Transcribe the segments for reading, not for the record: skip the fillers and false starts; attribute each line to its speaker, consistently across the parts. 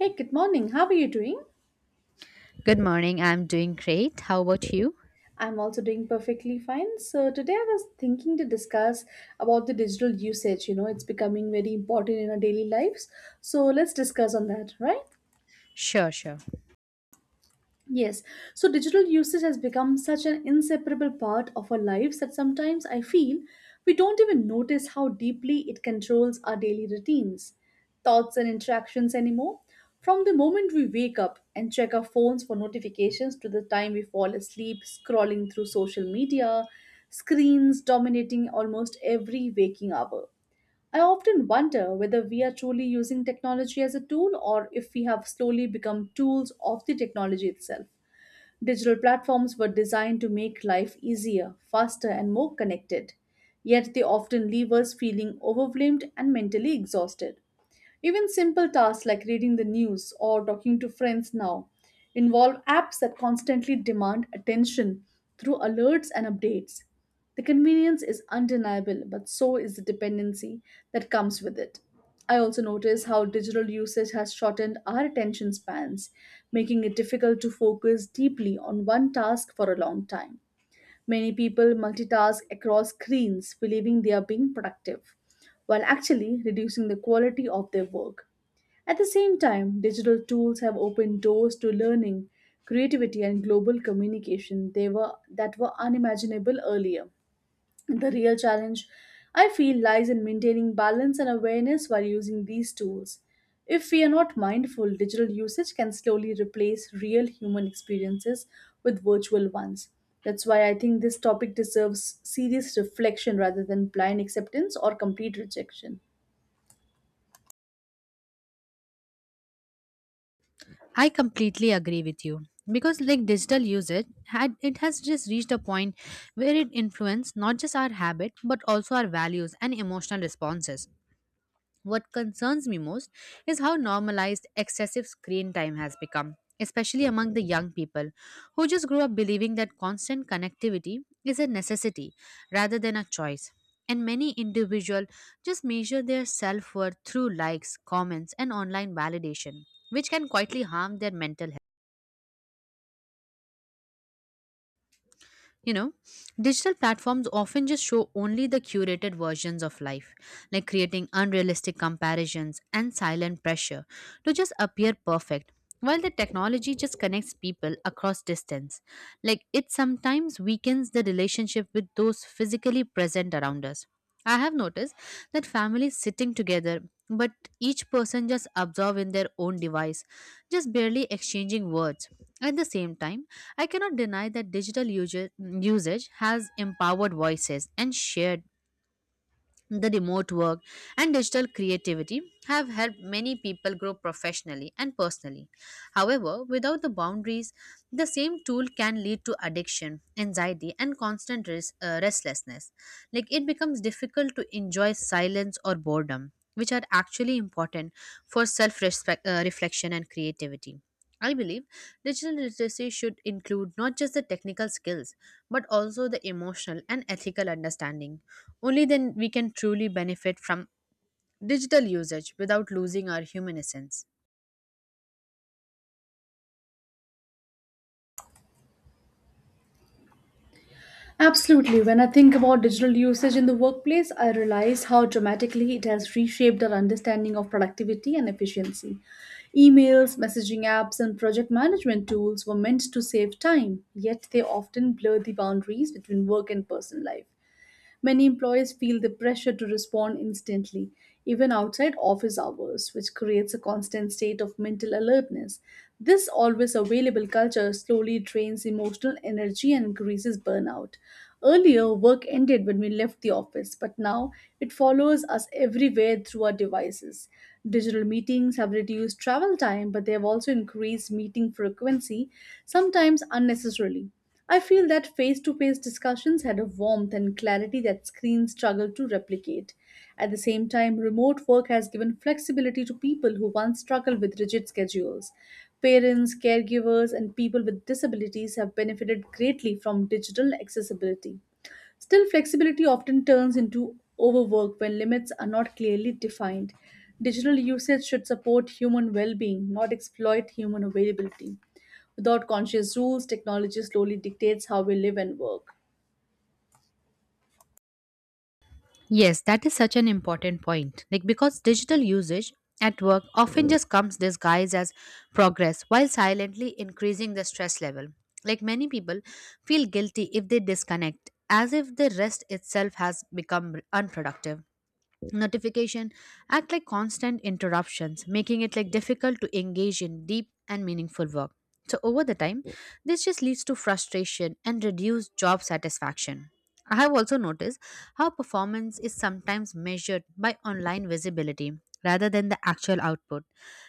Speaker 1: Hey, good morning. How are you doing?
Speaker 2: Good morning. I'm doing great. How about you?
Speaker 1: I'm also doing perfectly fine. So today I was thinking to discuss about the digital usage. You know, it's becoming very important in our daily lives. So let's discuss on that, right?
Speaker 2: Sure, sure.
Speaker 1: Yes, so digital usage has become such an inseparable part of our lives that sometimes I feel we don't even notice how deeply it controls our daily routines, thoughts, and interactions anymore. From the moment we wake up and check our phones for notifications to the time we fall asleep scrolling through social media, screens dominating almost every waking hour. I often wonder whether we are truly using technology as a tool or if we have slowly become tools of the technology itself. Digital platforms were designed to make life easier, faster, and more connected. Yet they often leave us feeling overwhelmed and mentally exhausted. Even simple tasks like reading the news or talking to friends now involve apps that constantly demand attention through alerts and updates. The convenience is undeniable, but so is the dependency that comes with it. I also notice how digital usage has shortened our attention spans, making it difficult to focus deeply on one task for a long time. Many people multitask across screens, believing they are being productive, while actually reducing the quality of their work. At the same time, digital tools have opened doors to learning, creativity, and global communication that were unimaginable earlier. The real challenge, I feel, lies in maintaining balance and awareness while using these tools. If we are not mindful, digital usage can slowly replace real human experiences with virtual ones. That's why I think this topic deserves serious reflection rather than blind acceptance or complete rejection.
Speaker 2: I completely agree with you because like digital usage had it has just reached a point where it influences not just our habit but also our values and emotional responses. What concerns me most is how normalized excessive screen time has become, especially among the young people who just grew up believing that constant connectivity is a necessity rather than a choice. And many individuals just measure their self worth through likes, comments, and online validation, which can quietly harm their mental health. You know, digital platforms often just show only the curated versions of life, like creating unrealistic comparisons and silent pressure to just appear perfect. While the technology just connects people across distance, like it sometimes weakens the relationship with those physically present around us. I have noticed that families sitting together, but each person just absorbed in their own device, just barely exchanging words. At the same time, I cannot deny that digital usage has empowered voices and shared the remote work and digital creativity have helped many people grow professionally and personally. However, without the boundaries, the same tool can lead to addiction, anxiety, and constant restlessness. Like it becomes difficult to enjoy silence or boredom, which are actually important for self reflection and creativity. I believe digital literacy should include not just the technical skills, but also the emotional and ethical understanding. Only then we can truly benefit from digital usage without losing our human essence.
Speaker 1: Absolutely. When I think about digital usage in the workplace, I realize how dramatically it has reshaped our understanding of productivity and efficiency. Emails, messaging apps, and project management tools were meant to save time, yet they often blur the boundaries between work and personal life. Many employees feel the pressure to respond instantly, even outside office hours, which creates a constant state of mental alertness. This always available culture slowly drains emotional energy and increases burnout. Earlier, work ended when we left the office, but now it follows us everywhere through our devices. Digital meetings have reduced travel time, but they have also increased meeting frequency, sometimes unnecessarily. I feel that face to face discussions had a warmth and clarity that screens struggle to replicate. At the same time, remote work has given flexibility to people who once struggled with rigid schedules. Parents, caregivers, and people with disabilities have benefited greatly from digital accessibility. Still, flexibility often turns into overwork when limits are not clearly defined. Digital usage should support human well being, not exploit human availability. Without conscious rules, technology slowly dictates how we live and work.
Speaker 2: Yes, that is such an important point. Like because digital usage at work often just comes disguised as progress while silently increasing the stress level. Like many people feel guilty if they disconnect, as if the rest itself has become unproductive. Notification act like constant interruptions, making it like difficult to engage in deep and meaningful work. So over the time, this just leads to frustration and reduced job satisfaction. I have also noticed how performance is sometimes measured by online visibility rather than the actual output.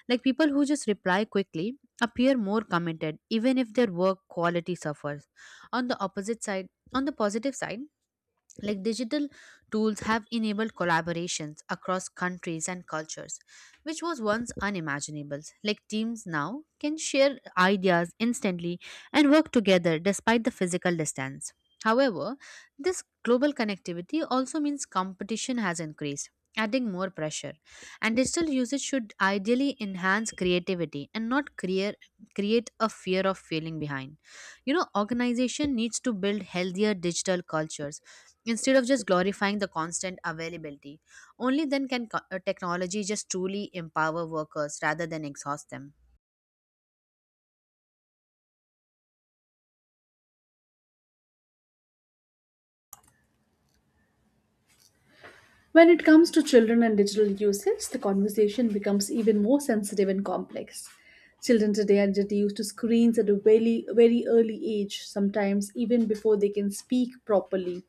Speaker 2: Like people who just reply quickly appear more committed even if their work quality suffers. On the opposite side, on the positive side, like digital tools have enabled collaborations across countries and cultures, which was once unimaginable. Like teams now can share ideas instantly and work together despite the physical distance. However, this global connectivity also means competition has increased, adding more pressure. And digital usage should ideally enhance creativity and not create, create a fear of failing behind. You know, organization needs to build healthier digital cultures instead of just glorifying the constant availability. Only then can technology just truly empower workers rather than exhaust them.
Speaker 1: When it comes to children and digital usage, the conversation becomes even more sensitive and complex. Children today are introduced to screens at a very early age, sometimes even before they can speak properly.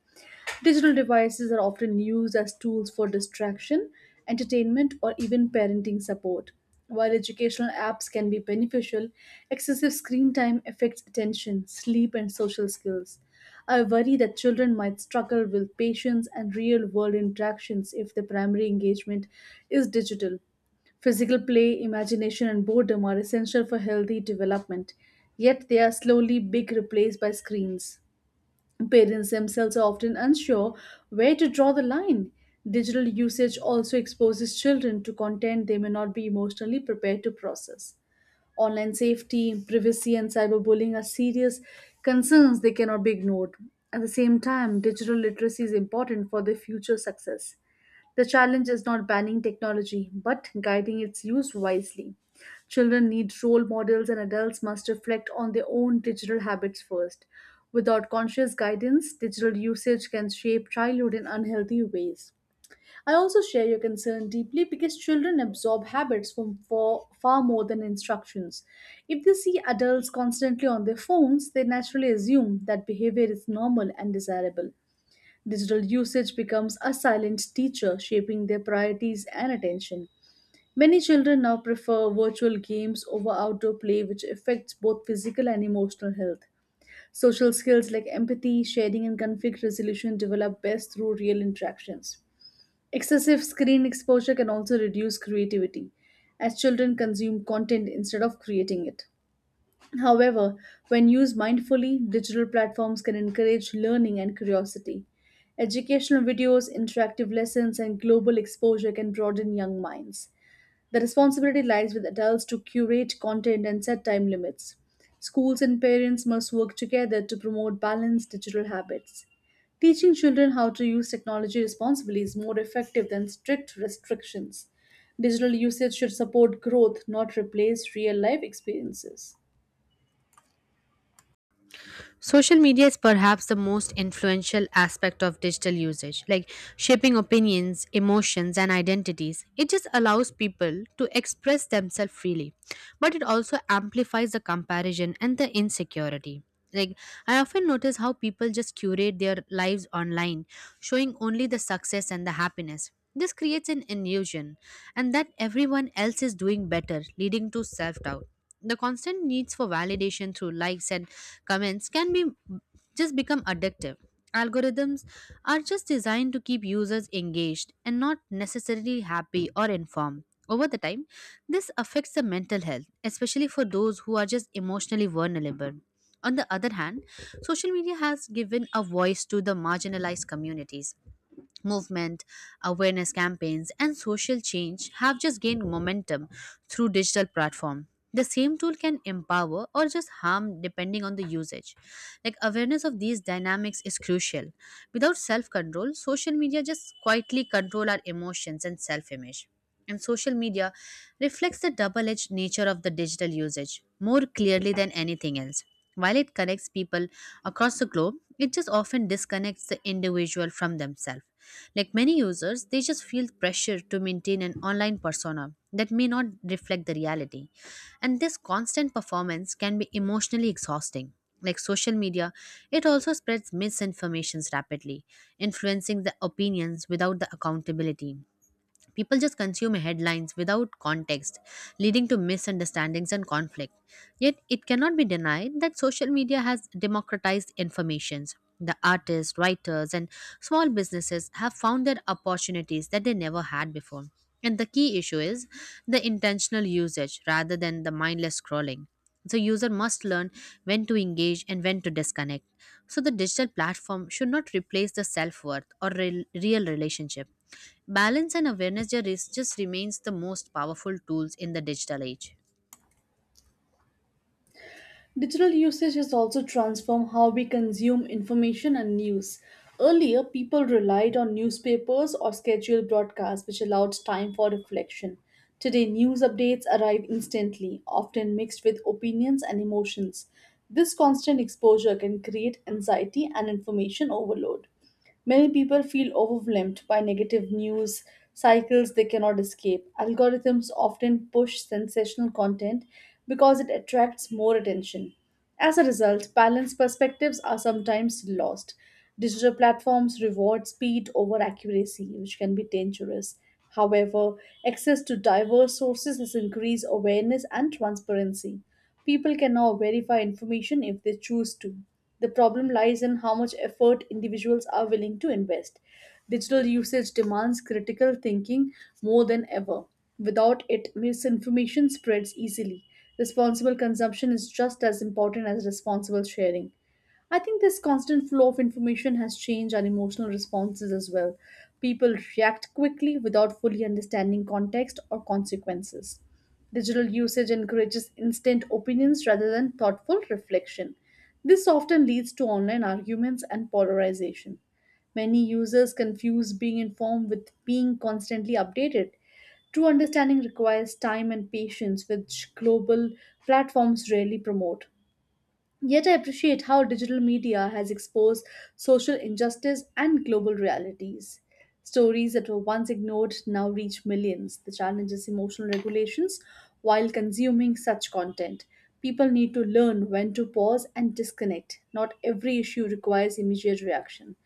Speaker 1: Digital devices are often used as tools for distraction, entertainment, or even parenting support. While educational apps can be beneficial, excessive screen time affects attention, sleep, and social skills. I worry that children might struggle with patience and real world interactions if their primary engagement is digital. Physical play, imagination, and boredom are essential for healthy development, yet, they are slowly being replaced by screens. Parents themselves are often unsure where to draw the line. Digital usage also exposes children to content they may not be emotionally prepared to process. Online safety, privacy, and cyberbullying are serious concerns they cannot be ignored. At the same time, digital literacy is important for their future success. The challenge is not banning technology, but guiding its use wisely. Children need role models, and adults must reflect on their own digital habits first. Without conscious guidance, digital usage can shape childhood in unhealthy ways. I also share your concern deeply because children absorb habits from for far more than instructions. If they see adults constantly on their phones, they naturally assume that behavior is normal and desirable. Digital usage becomes a silent teacher, shaping their priorities and attention. Many children now prefer virtual games over outdoor play, which affects both physical and emotional health. Social skills like empathy, sharing, and conflict resolution develop best through real interactions. Excessive screen exposure can also reduce creativity, as children consume content instead of creating it. However, when used mindfully, digital platforms can encourage learning and curiosity. Educational videos, interactive lessons, and global exposure can broaden young minds. The responsibility lies with adults to curate content and set time limits. Schools and parents must work together to promote balanced digital habits. Teaching children how to use technology responsibly is more effective than strict restrictions. Digital usage should support growth, not replace real life experiences.
Speaker 2: Social media is perhaps the most influential aspect of digital usage, like shaping opinions, emotions, and identities. It just allows people to express themselves freely, but it also amplifies the comparison and the insecurity. Like, I often notice how people just curate their lives online, showing only the success and the happiness. This creates an illusion, and that everyone else is doing better, leading to self doubt. The constant needs for validation through likes and comments can be just become addictive. Algorithms are just designed to keep users engaged and not necessarily happy or informed. Over the time, this affects the mental health, especially for those who are just emotionally vulnerable. On the other hand, social media has given a voice to the marginalized communities. Movement, awareness campaigns, and social change have just gained momentum through digital platform. The same tool can empower or just harm depending on the usage. Like awareness of these dynamics is crucial. Without self-control, social media just quietly control our emotions and self-image. And social media reflects the double-edged nature of the digital usage more clearly than anything else. While it connects people across the globe, it just often disconnects the individual from themselves. Like many users, they just feel pressure to maintain an online persona that may not reflect the reality. And this constant performance can be emotionally exhausting. Like social media, it also spreads misinformations rapidly, influencing the opinions without the accountability. People just consume headlines without context, leading to misunderstandings and conflict. Yet, it cannot be denied that social media has democratized informations. The artists, writers, and small businesses have found their opportunities that they never had before. And the key issue is the intentional usage rather than the mindless scrolling. So user must learn when to engage and when to disconnect. So the digital platform should not replace the self-worth or real relationship. Balance and awareness just remains the most powerful tools in the digital age.
Speaker 1: Digital usage has also transformed how we consume information and news. Earlier, people relied on newspapers or scheduled broadcasts, which allowed time for reflection. Today, news updates arrive instantly, often mixed with opinions and emotions. This constant exposure can create anxiety and information overload. Many people feel overwhelmed by negative news cycles they cannot escape. Algorithms often push sensational content because it attracts more attention. As a result, balanced perspectives are sometimes lost. Digital platforms reward speed over accuracy, which can be dangerous. However, access to diverse sources has increased awareness and transparency. People can now verify information if they choose to. The problem lies in how much effort individuals are willing to invest. Digital usage demands critical thinking more than ever. Without it, misinformation spreads easily. Responsible consumption is just as important as responsible sharing. I think this constant flow of information has changed our emotional responses as well. People react quickly without fully understanding context or consequences. Digital usage encourages instant opinions rather than thoughtful reflection. This often leads to online arguments and polarization. Many users confuse being informed with being constantly updated. True understanding requires time and patience, which global platforms rarely promote. Yet, I appreciate how digital media has exposed social injustice and global realities. Stories that were once ignored now reach millions. The challenge is emotional regulations while consuming such content. People need to learn when to pause and disconnect. Not every issue requires immediate reaction.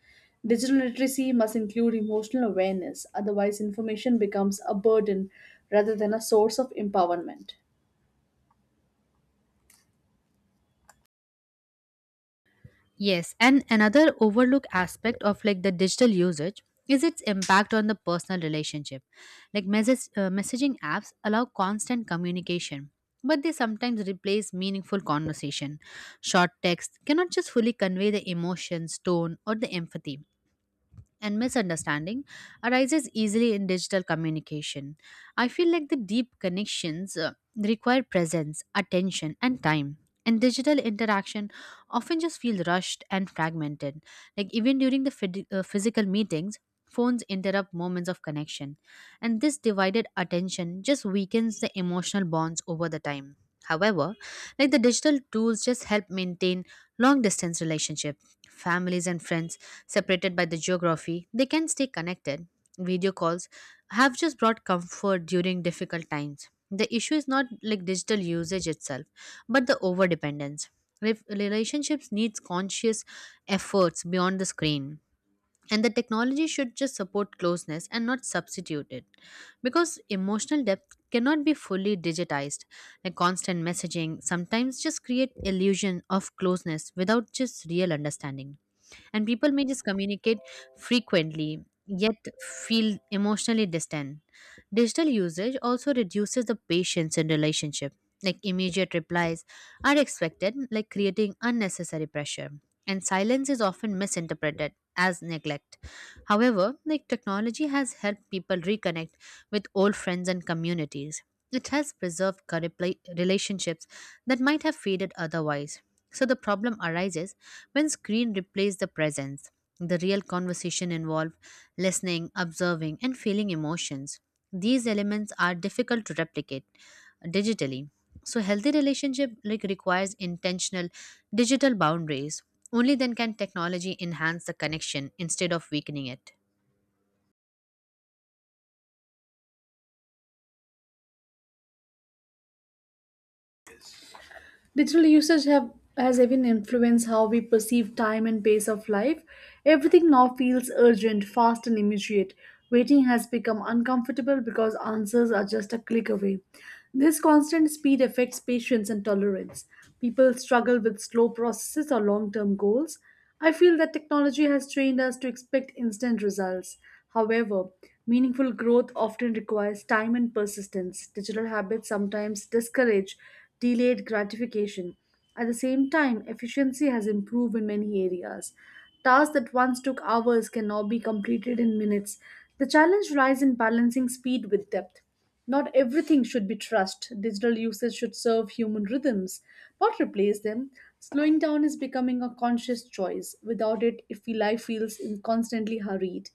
Speaker 1: Digital literacy must include emotional awareness, otherwise, information becomes a burden rather than a source of empowerment.
Speaker 2: Yes, and another overlooked aspect of like the digital usage is its impact on the personal relationship. Like messaging apps allow constant communication, but they sometimes replace meaningful conversation. Short text cannot just fully convey the emotions, tone, or the empathy, and misunderstanding arises easily in digital communication. I feel like the deep connections require presence, attention, and time. And digital interaction often just feel rushed and fragmented. Like even during the physical meetings, phones interrupt moments of connection. And this divided attention just weakens the emotional bonds over the time. However, like the digital tools just help maintain long distance relationships, families and friends separated by the geography, they can stay connected. Video calls have just brought comfort during difficult times. The issue is not like digital usage itself, but the overdependence. Relationships needs conscious efforts beyond the screen. And the technology should just support closeness and not substitute it. Because emotional depth cannot be fully digitized. Like constant messaging sometimes just create illusion of closeness without just real understanding, and people may just communicate frequently, yet feel emotionally distant. Digital usage also reduces the patience in relationship. Like immediate replies are expected, like creating unnecessary pressure. And silence is often misinterpreted as neglect. However, like technology has helped people reconnect with old friends and communities. It has preserved relationships that might have faded otherwise. So the problem arises when screen replaces the presence. The real conversation involved listening, observing, and feeling emotions. These elements are difficult to replicate digitally. So healthy relationship like requires intentional digital boundaries. Only then can technology enhance the connection instead of weakening it.
Speaker 1: Digital usage have has even influenced how we perceive time and pace of life. Everything now feels urgent, fast, and immediate. Waiting has become uncomfortable because answers are just a click away. This constant speed affects patience and tolerance. People struggle with slow processes or long term goals. I feel that technology has trained us to expect instant results. However, meaningful growth often requires time and persistence. Digital habits sometimes discourage delayed gratification. At the same time, efficiency has improved in many areas. Tasks that once took hours can now be completed in minutes. The challenge lies in balancing speed with depth. Not everything should be trust. Digital usage should serve human rhythms, not replace them. Slowing down is becoming a conscious choice. Without it, if life feels constantly hurried.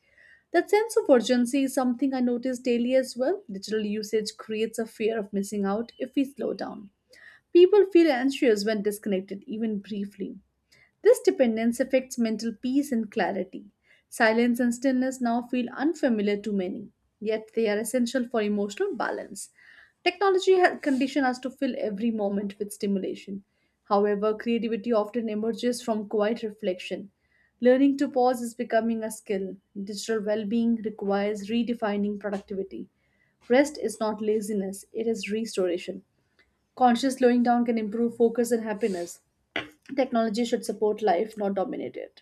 Speaker 1: That sense of urgency is something I notice daily as well. Digital usage creates a fear of missing out if we slow down. People feel anxious when disconnected, even briefly. This dependence affects mental peace and clarity. Silence and stillness now feel unfamiliar to many, yet they are essential for emotional balance. Technology has conditioned us to fill every moment with stimulation. However, creativity often emerges from quiet reflection. Learning to pause is becoming a skill. Digital well being requires redefining productivity. Rest is not laziness, it is restoration. Conscious slowing down can improve focus and happiness. Technology should support life, not dominate it.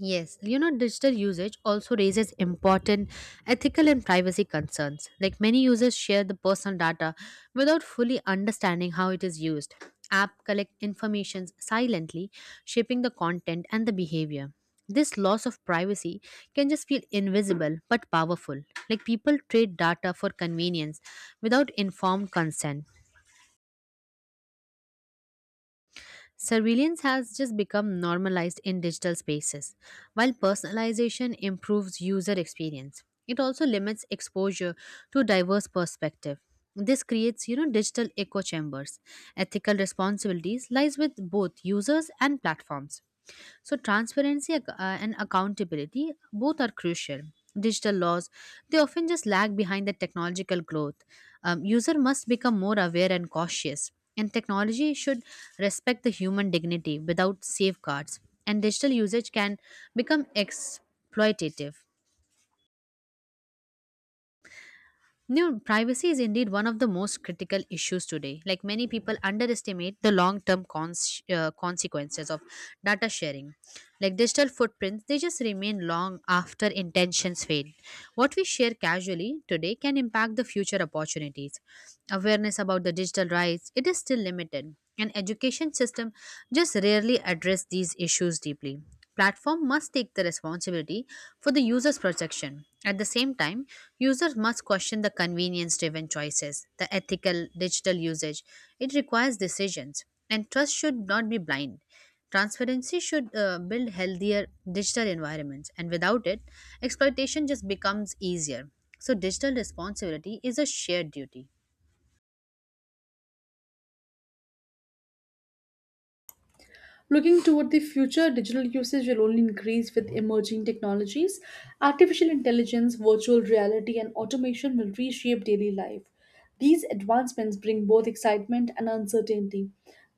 Speaker 2: Yes, you know, digital usage also raises important ethical and privacy concerns. Like many users share the personal data without fully understanding how it is used. App collect information silently, shaping the content and the behavior. This loss of privacy can just feel invisible but powerful. Like people trade data for convenience without informed consent. Surveillance has just become normalized in digital spaces. While personalization improves user experience, it also limits exposure to diverse perspective. This creates, you know, digital echo chambers. Ethical responsibilities lies with both users and platforms. So transparency and accountability both are crucial. Digital laws, they often just lag behind the technological growth. User must become more aware and cautious, and technology should respect the human dignity. Without safeguards, and digital usage can become exploitative. You know, privacy is indeed one of the most critical issues today. Like many people underestimate the long-term consequences of data sharing. Like digital footprints, they just remain long after intentions fade. What we share casually today can impact the future opportunities. Awareness about the digital rights, it is still limited. And education system just rarely address these issues deeply. Platform must take the responsibility for the user's protection. At the same time, users must question the convenience-driven choices, the ethical digital usage. It requires decisions, and trust should not be blind. Transparency should build healthier digital environments, and without it, exploitation just becomes easier. So, digital responsibility is a shared duty.
Speaker 1: Looking toward the future, digital usage will only increase with emerging technologies. Artificial intelligence, virtual reality, and automation will reshape daily life. These advancements bring both excitement and uncertainty.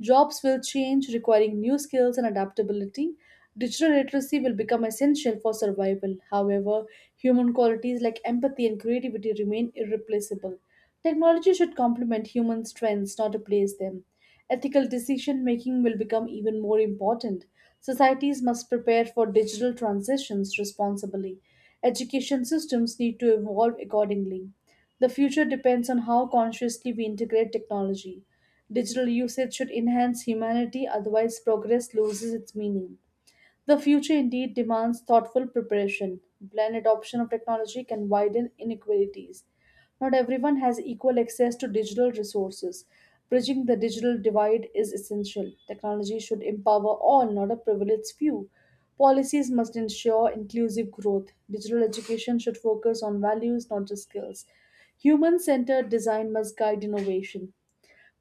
Speaker 1: Jobs will change, requiring new skills and adaptability. Digital literacy will become essential for survival. However, human qualities like empathy and creativity remain irreplaceable. Technology should complement human strengths, not replace them. Ethical decision making will become even more important. Societies must prepare for digital transitions responsibly. Education systems need to evolve accordingly. The future depends on how consciously we integrate technology. Digital usage should enhance humanity, otherwise, progress loses its meaning. The future indeed demands thoughtful preparation. Planned adoption of technology can widen inequalities. Not everyone has equal access to digital resources. Bridging the digital divide is essential. Technology should empower all, not a privileged few. Policies must ensure inclusive growth. Digital education should focus on values, not just skills. Human centered design must guide innovation.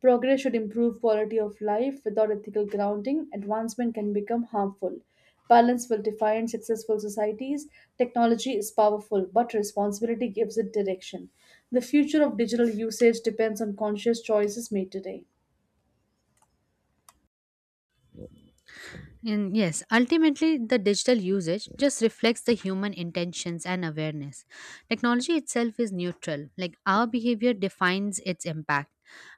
Speaker 1: Progress should improve quality of life. Without ethical grounding, advancement can become harmful. Balance will define successful societies. Technology is powerful, but responsibility gives it direction. The future of digital usage depends on conscious choices made today.
Speaker 2: And yes, ultimately, the digital usage just reflects the human intentions and awareness. Technology itself is neutral, like our behavior defines its impact.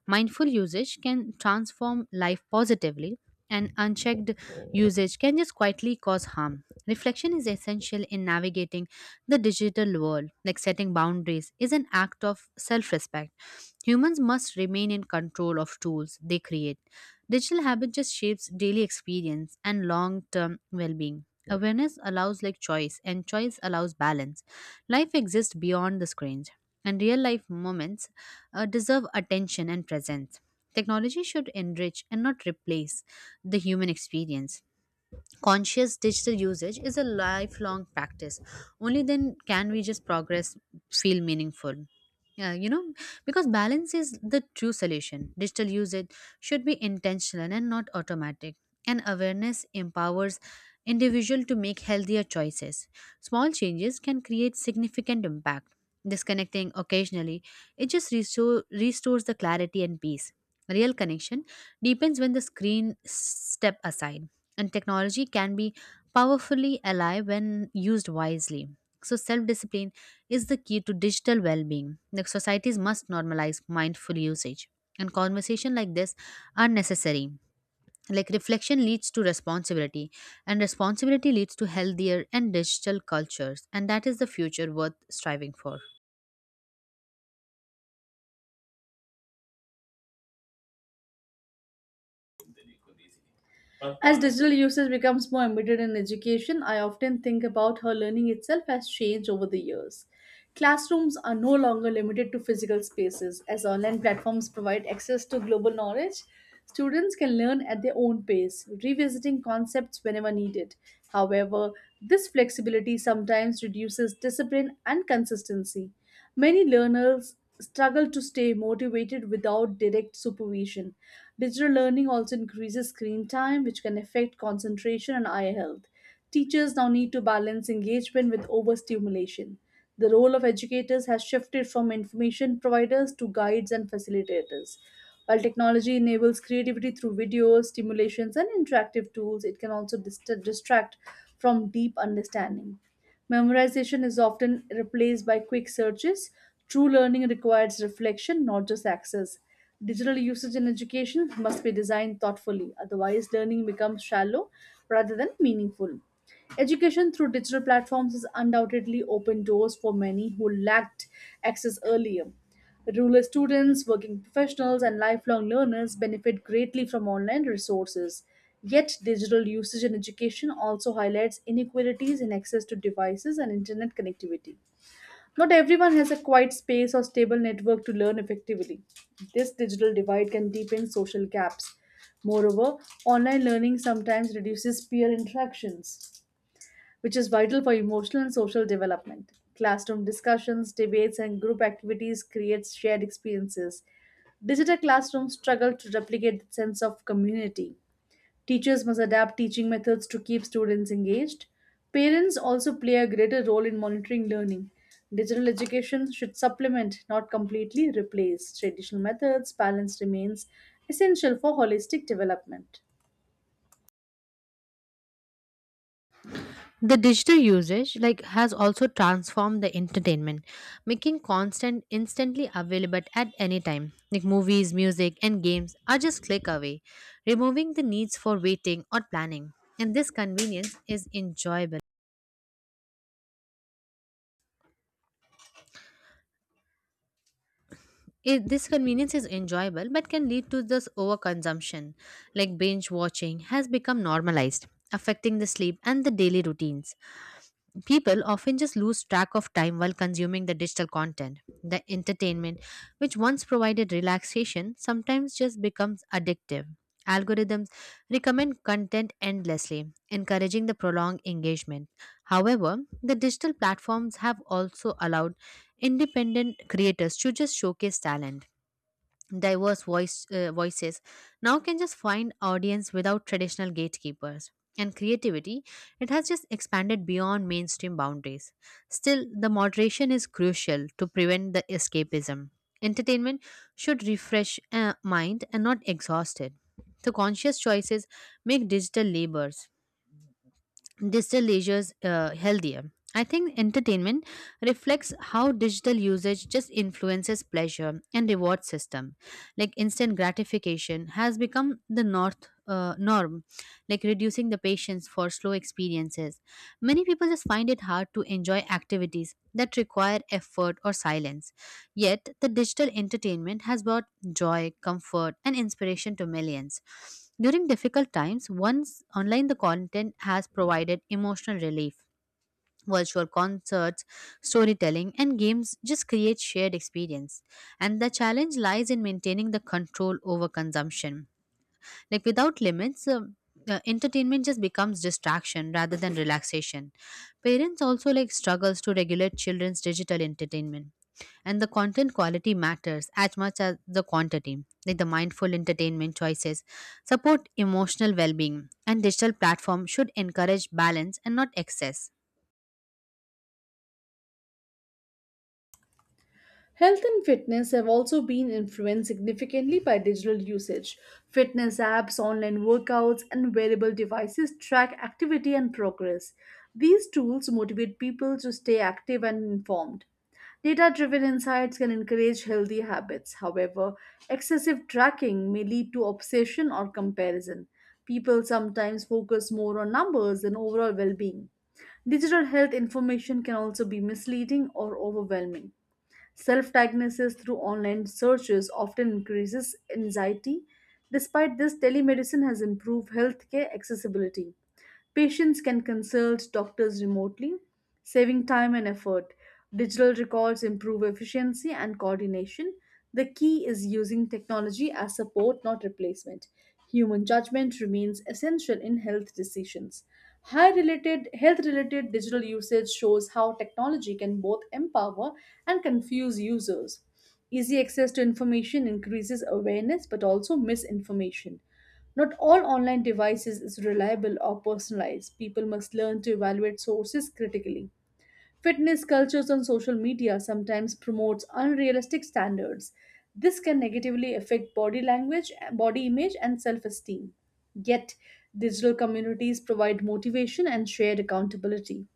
Speaker 2: Mindful usage can transform life positively, and unchecked usage can just quietly cause harm. Reflection is essential in navigating the digital world, like setting boundaries is an act of self respect. Humans must remain in control of tools they create. Digital habit just shapes daily experience and long-term well-being. Awareness allows like choice, and choice allows balance. Life exists beyond the screens, and real life moments deserve attention and presence. Technology should enrich and not replace the human experience. Conscious digital usage is a lifelong practice. Only then can we just progress feel meaningful. Yeah, you know, because balance is the true solution. Digital usage should be intentional and not automatic. And awareness empowers individual to make healthier choices. Small changes can create significant impact. Disconnecting occasionally, it just restores the clarity and peace. Real connection deepens when the screen step aside. And technology can be powerfully alive when used wisely. So self-discipline is the key to digital well-being. Like societies must normalize mindful usage, and conversation like this are necessary. Like reflection leads to responsibility, and responsibility leads to healthier and digital cultures, and that is the future worth striving for.
Speaker 1: As digital usage becomes more embedded in education, I often think about how learning itself has changed over the years. Classrooms are no longer limited to physical spaces, as online platforms provide access to global knowledge. Students can learn at their own pace, revisiting concepts whenever needed. However, this flexibility sometimes reduces discipline and consistency. Many learners struggle to stay motivated without direct supervision. Digital learning also increases screen time, which can affect concentration and eye health. Teachers now need to balance engagement with overstimulation. The role of educators has shifted from information providers to guides and facilitators. While technology enables creativity through videos, stimulations, and interactive tools, it can also distract from deep understanding. Memorization is often replaced by quick searches. True learning requires reflection, not just access. Digital usage in education must be designed thoughtfully; otherwise, learning becomes shallow rather than meaningful. Education through digital platforms has undoubtedly opened doors for many who lacked access earlier. Rural students, working professionals, and lifelong learners benefit greatly from online resources. Yet, digital usage in education also highlights inequalities in access to devices and internet connectivity. Not everyone has a quiet space or stable network to learn effectively. This digital divide can deepen social gaps. Moreover, online learning sometimes reduces peer interactions, which is vital for emotional and social development. Classroom discussions, debates, and group activities create shared experiences. Digital classrooms struggle to replicate the sense of community. Teachers must adapt teaching methods to keep students engaged. Parents also play a greater role in monitoring learning. Digital education should supplement, not completely replace, traditional methods. Balance remains essential for holistic development.
Speaker 2: The digital usage like has also transformed the entertainment, making constant instantly available at any time. Like movies, music and games are just click away, removing the needs for waiting or planning. And this convenience is enjoyable. It, This convenience is enjoyable but can lead to this overconsumption. Like binge watching has become normalized, affecting the sleep and the daily routines. People often just lose track of time while consuming the digital content. The entertainment, which once provided relaxation, sometimes just becomes addictive. Algorithms recommend content endlessly, encouraging the prolonged engagement. However, the digital platforms have also allowed independent creators to just showcase talent. Diverse voices now can just find audience without traditional gatekeepers, and creativity, it has just expanded beyond mainstream boundaries. Still, the moderation is crucial to prevent the escapism. Entertainment should refresh mind and not exhaust it. So conscious choices make digital labors, digital leisure's healthier. I think entertainment reflects how digital usage just influences pleasure and reward system. Like instant gratification has become the north norm, like reducing the patience for slow experiences. Many people just find it hard to enjoy activities that require effort or silence. Yet the digital entertainment has brought joy, comfort, and inspiration to millions. During difficult times, once online the content has provided emotional relief. Virtual concerts, storytelling, and games just create shared experience. And the challenge lies in maintaining the control over consumption, like without limits, entertainment just becomes distraction rather than relaxation. Parents also like struggles to regulate children's digital entertainment. And the content quality matters as much as the quantity. Like the mindful entertainment choices support emotional well-being, and digital platform should encourage balance and not excess.
Speaker 1: Health and fitness have also been influenced significantly by digital usage. Fitness apps, online workouts, and wearable devices track activity and progress. These tools motivate people to stay active and informed. Data driven insights can encourage healthy habits. However, excessive tracking may lead to obsession or comparison. People sometimes focus more on numbers than overall well being. Digital health information can also be misleading or overwhelming. Self diagnosis through online searches often increases anxiety. Despite this, telemedicine has improved healthcare accessibility. Patients can consult doctors remotely, saving time and effort. Digital records improve efficiency and coordination. The key is using technology as support, not replacement. Human judgment remains essential in health decisions. High related health related digital usage shows how technology can both empower and confuse users. Easy access to information increases awareness but also misinformation. Not all online devices is reliable or personalized. People must learn to evaluate sources critically. Fitness cultures on social media sometimes promotes unrealistic standards. This can negatively affect body language, body image and self-esteem. Yet, digital communities provide motivation and shared accountability.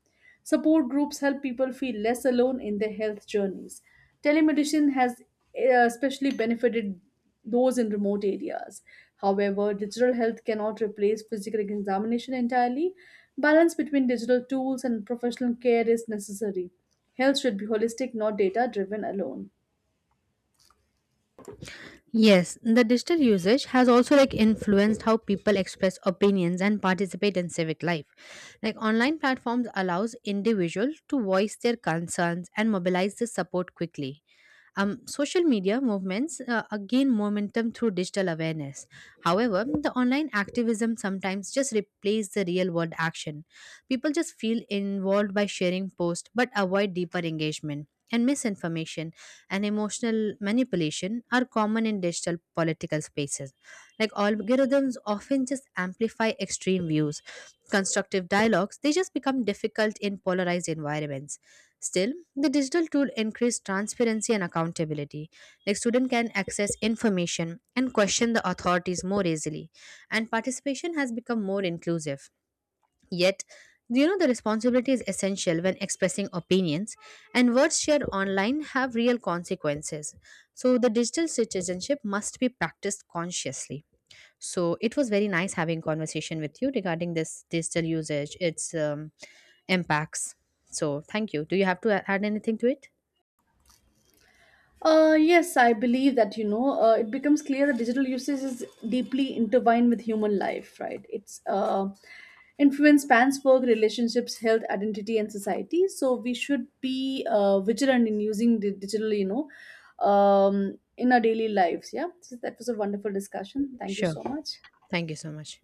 Speaker 1: Support groups help people feel less alone in their health journeys. Telemedicine has especially benefited those in remote areas. However, digital health cannot replace physical examination entirely. Balance between digital tools and professional care is necessary. Health should be holistic, not data driven alone.
Speaker 2: Yes, the digital usage has also like influenced how people express opinions and participate in civic life. Like online platforms allows individuals to voice their concerns and mobilize the support quickly. Social media movements gain momentum through digital awareness. However, the online activism sometimes just replaces the real world action. People just feel involved by sharing posts but avoid deeper engagement. And misinformation and emotional manipulation are common in digital political spaces. Like algorithms often just amplify extreme views. Constructive dialogues, they just become difficult in polarized environments. Still, the digital tool increased transparency and accountability. Like student can access information and question the authorities more easily, and participation has become more inclusive. Yet, you know, the responsibility is essential when expressing opinions, and words shared online have real consequences. So, the digital citizenship must be practiced consciously. So it was very nice having conversation with you regarding this digital usage, its impacts. So thank you. Do you have to add anything to it?
Speaker 1: Yes, I believe that, you know, it becomes clear that digital usage is deeply intertwined with human life, right? It's influence spans work, relationships, health, identity, and society. So we should be vigilant in using the digital, you know, in our daily lives. Yeah. So that was a wonderful discussion. Thank you
Speaker 2: Sure.
Speaker 1: so much.
Speaker 2: Thank you so much.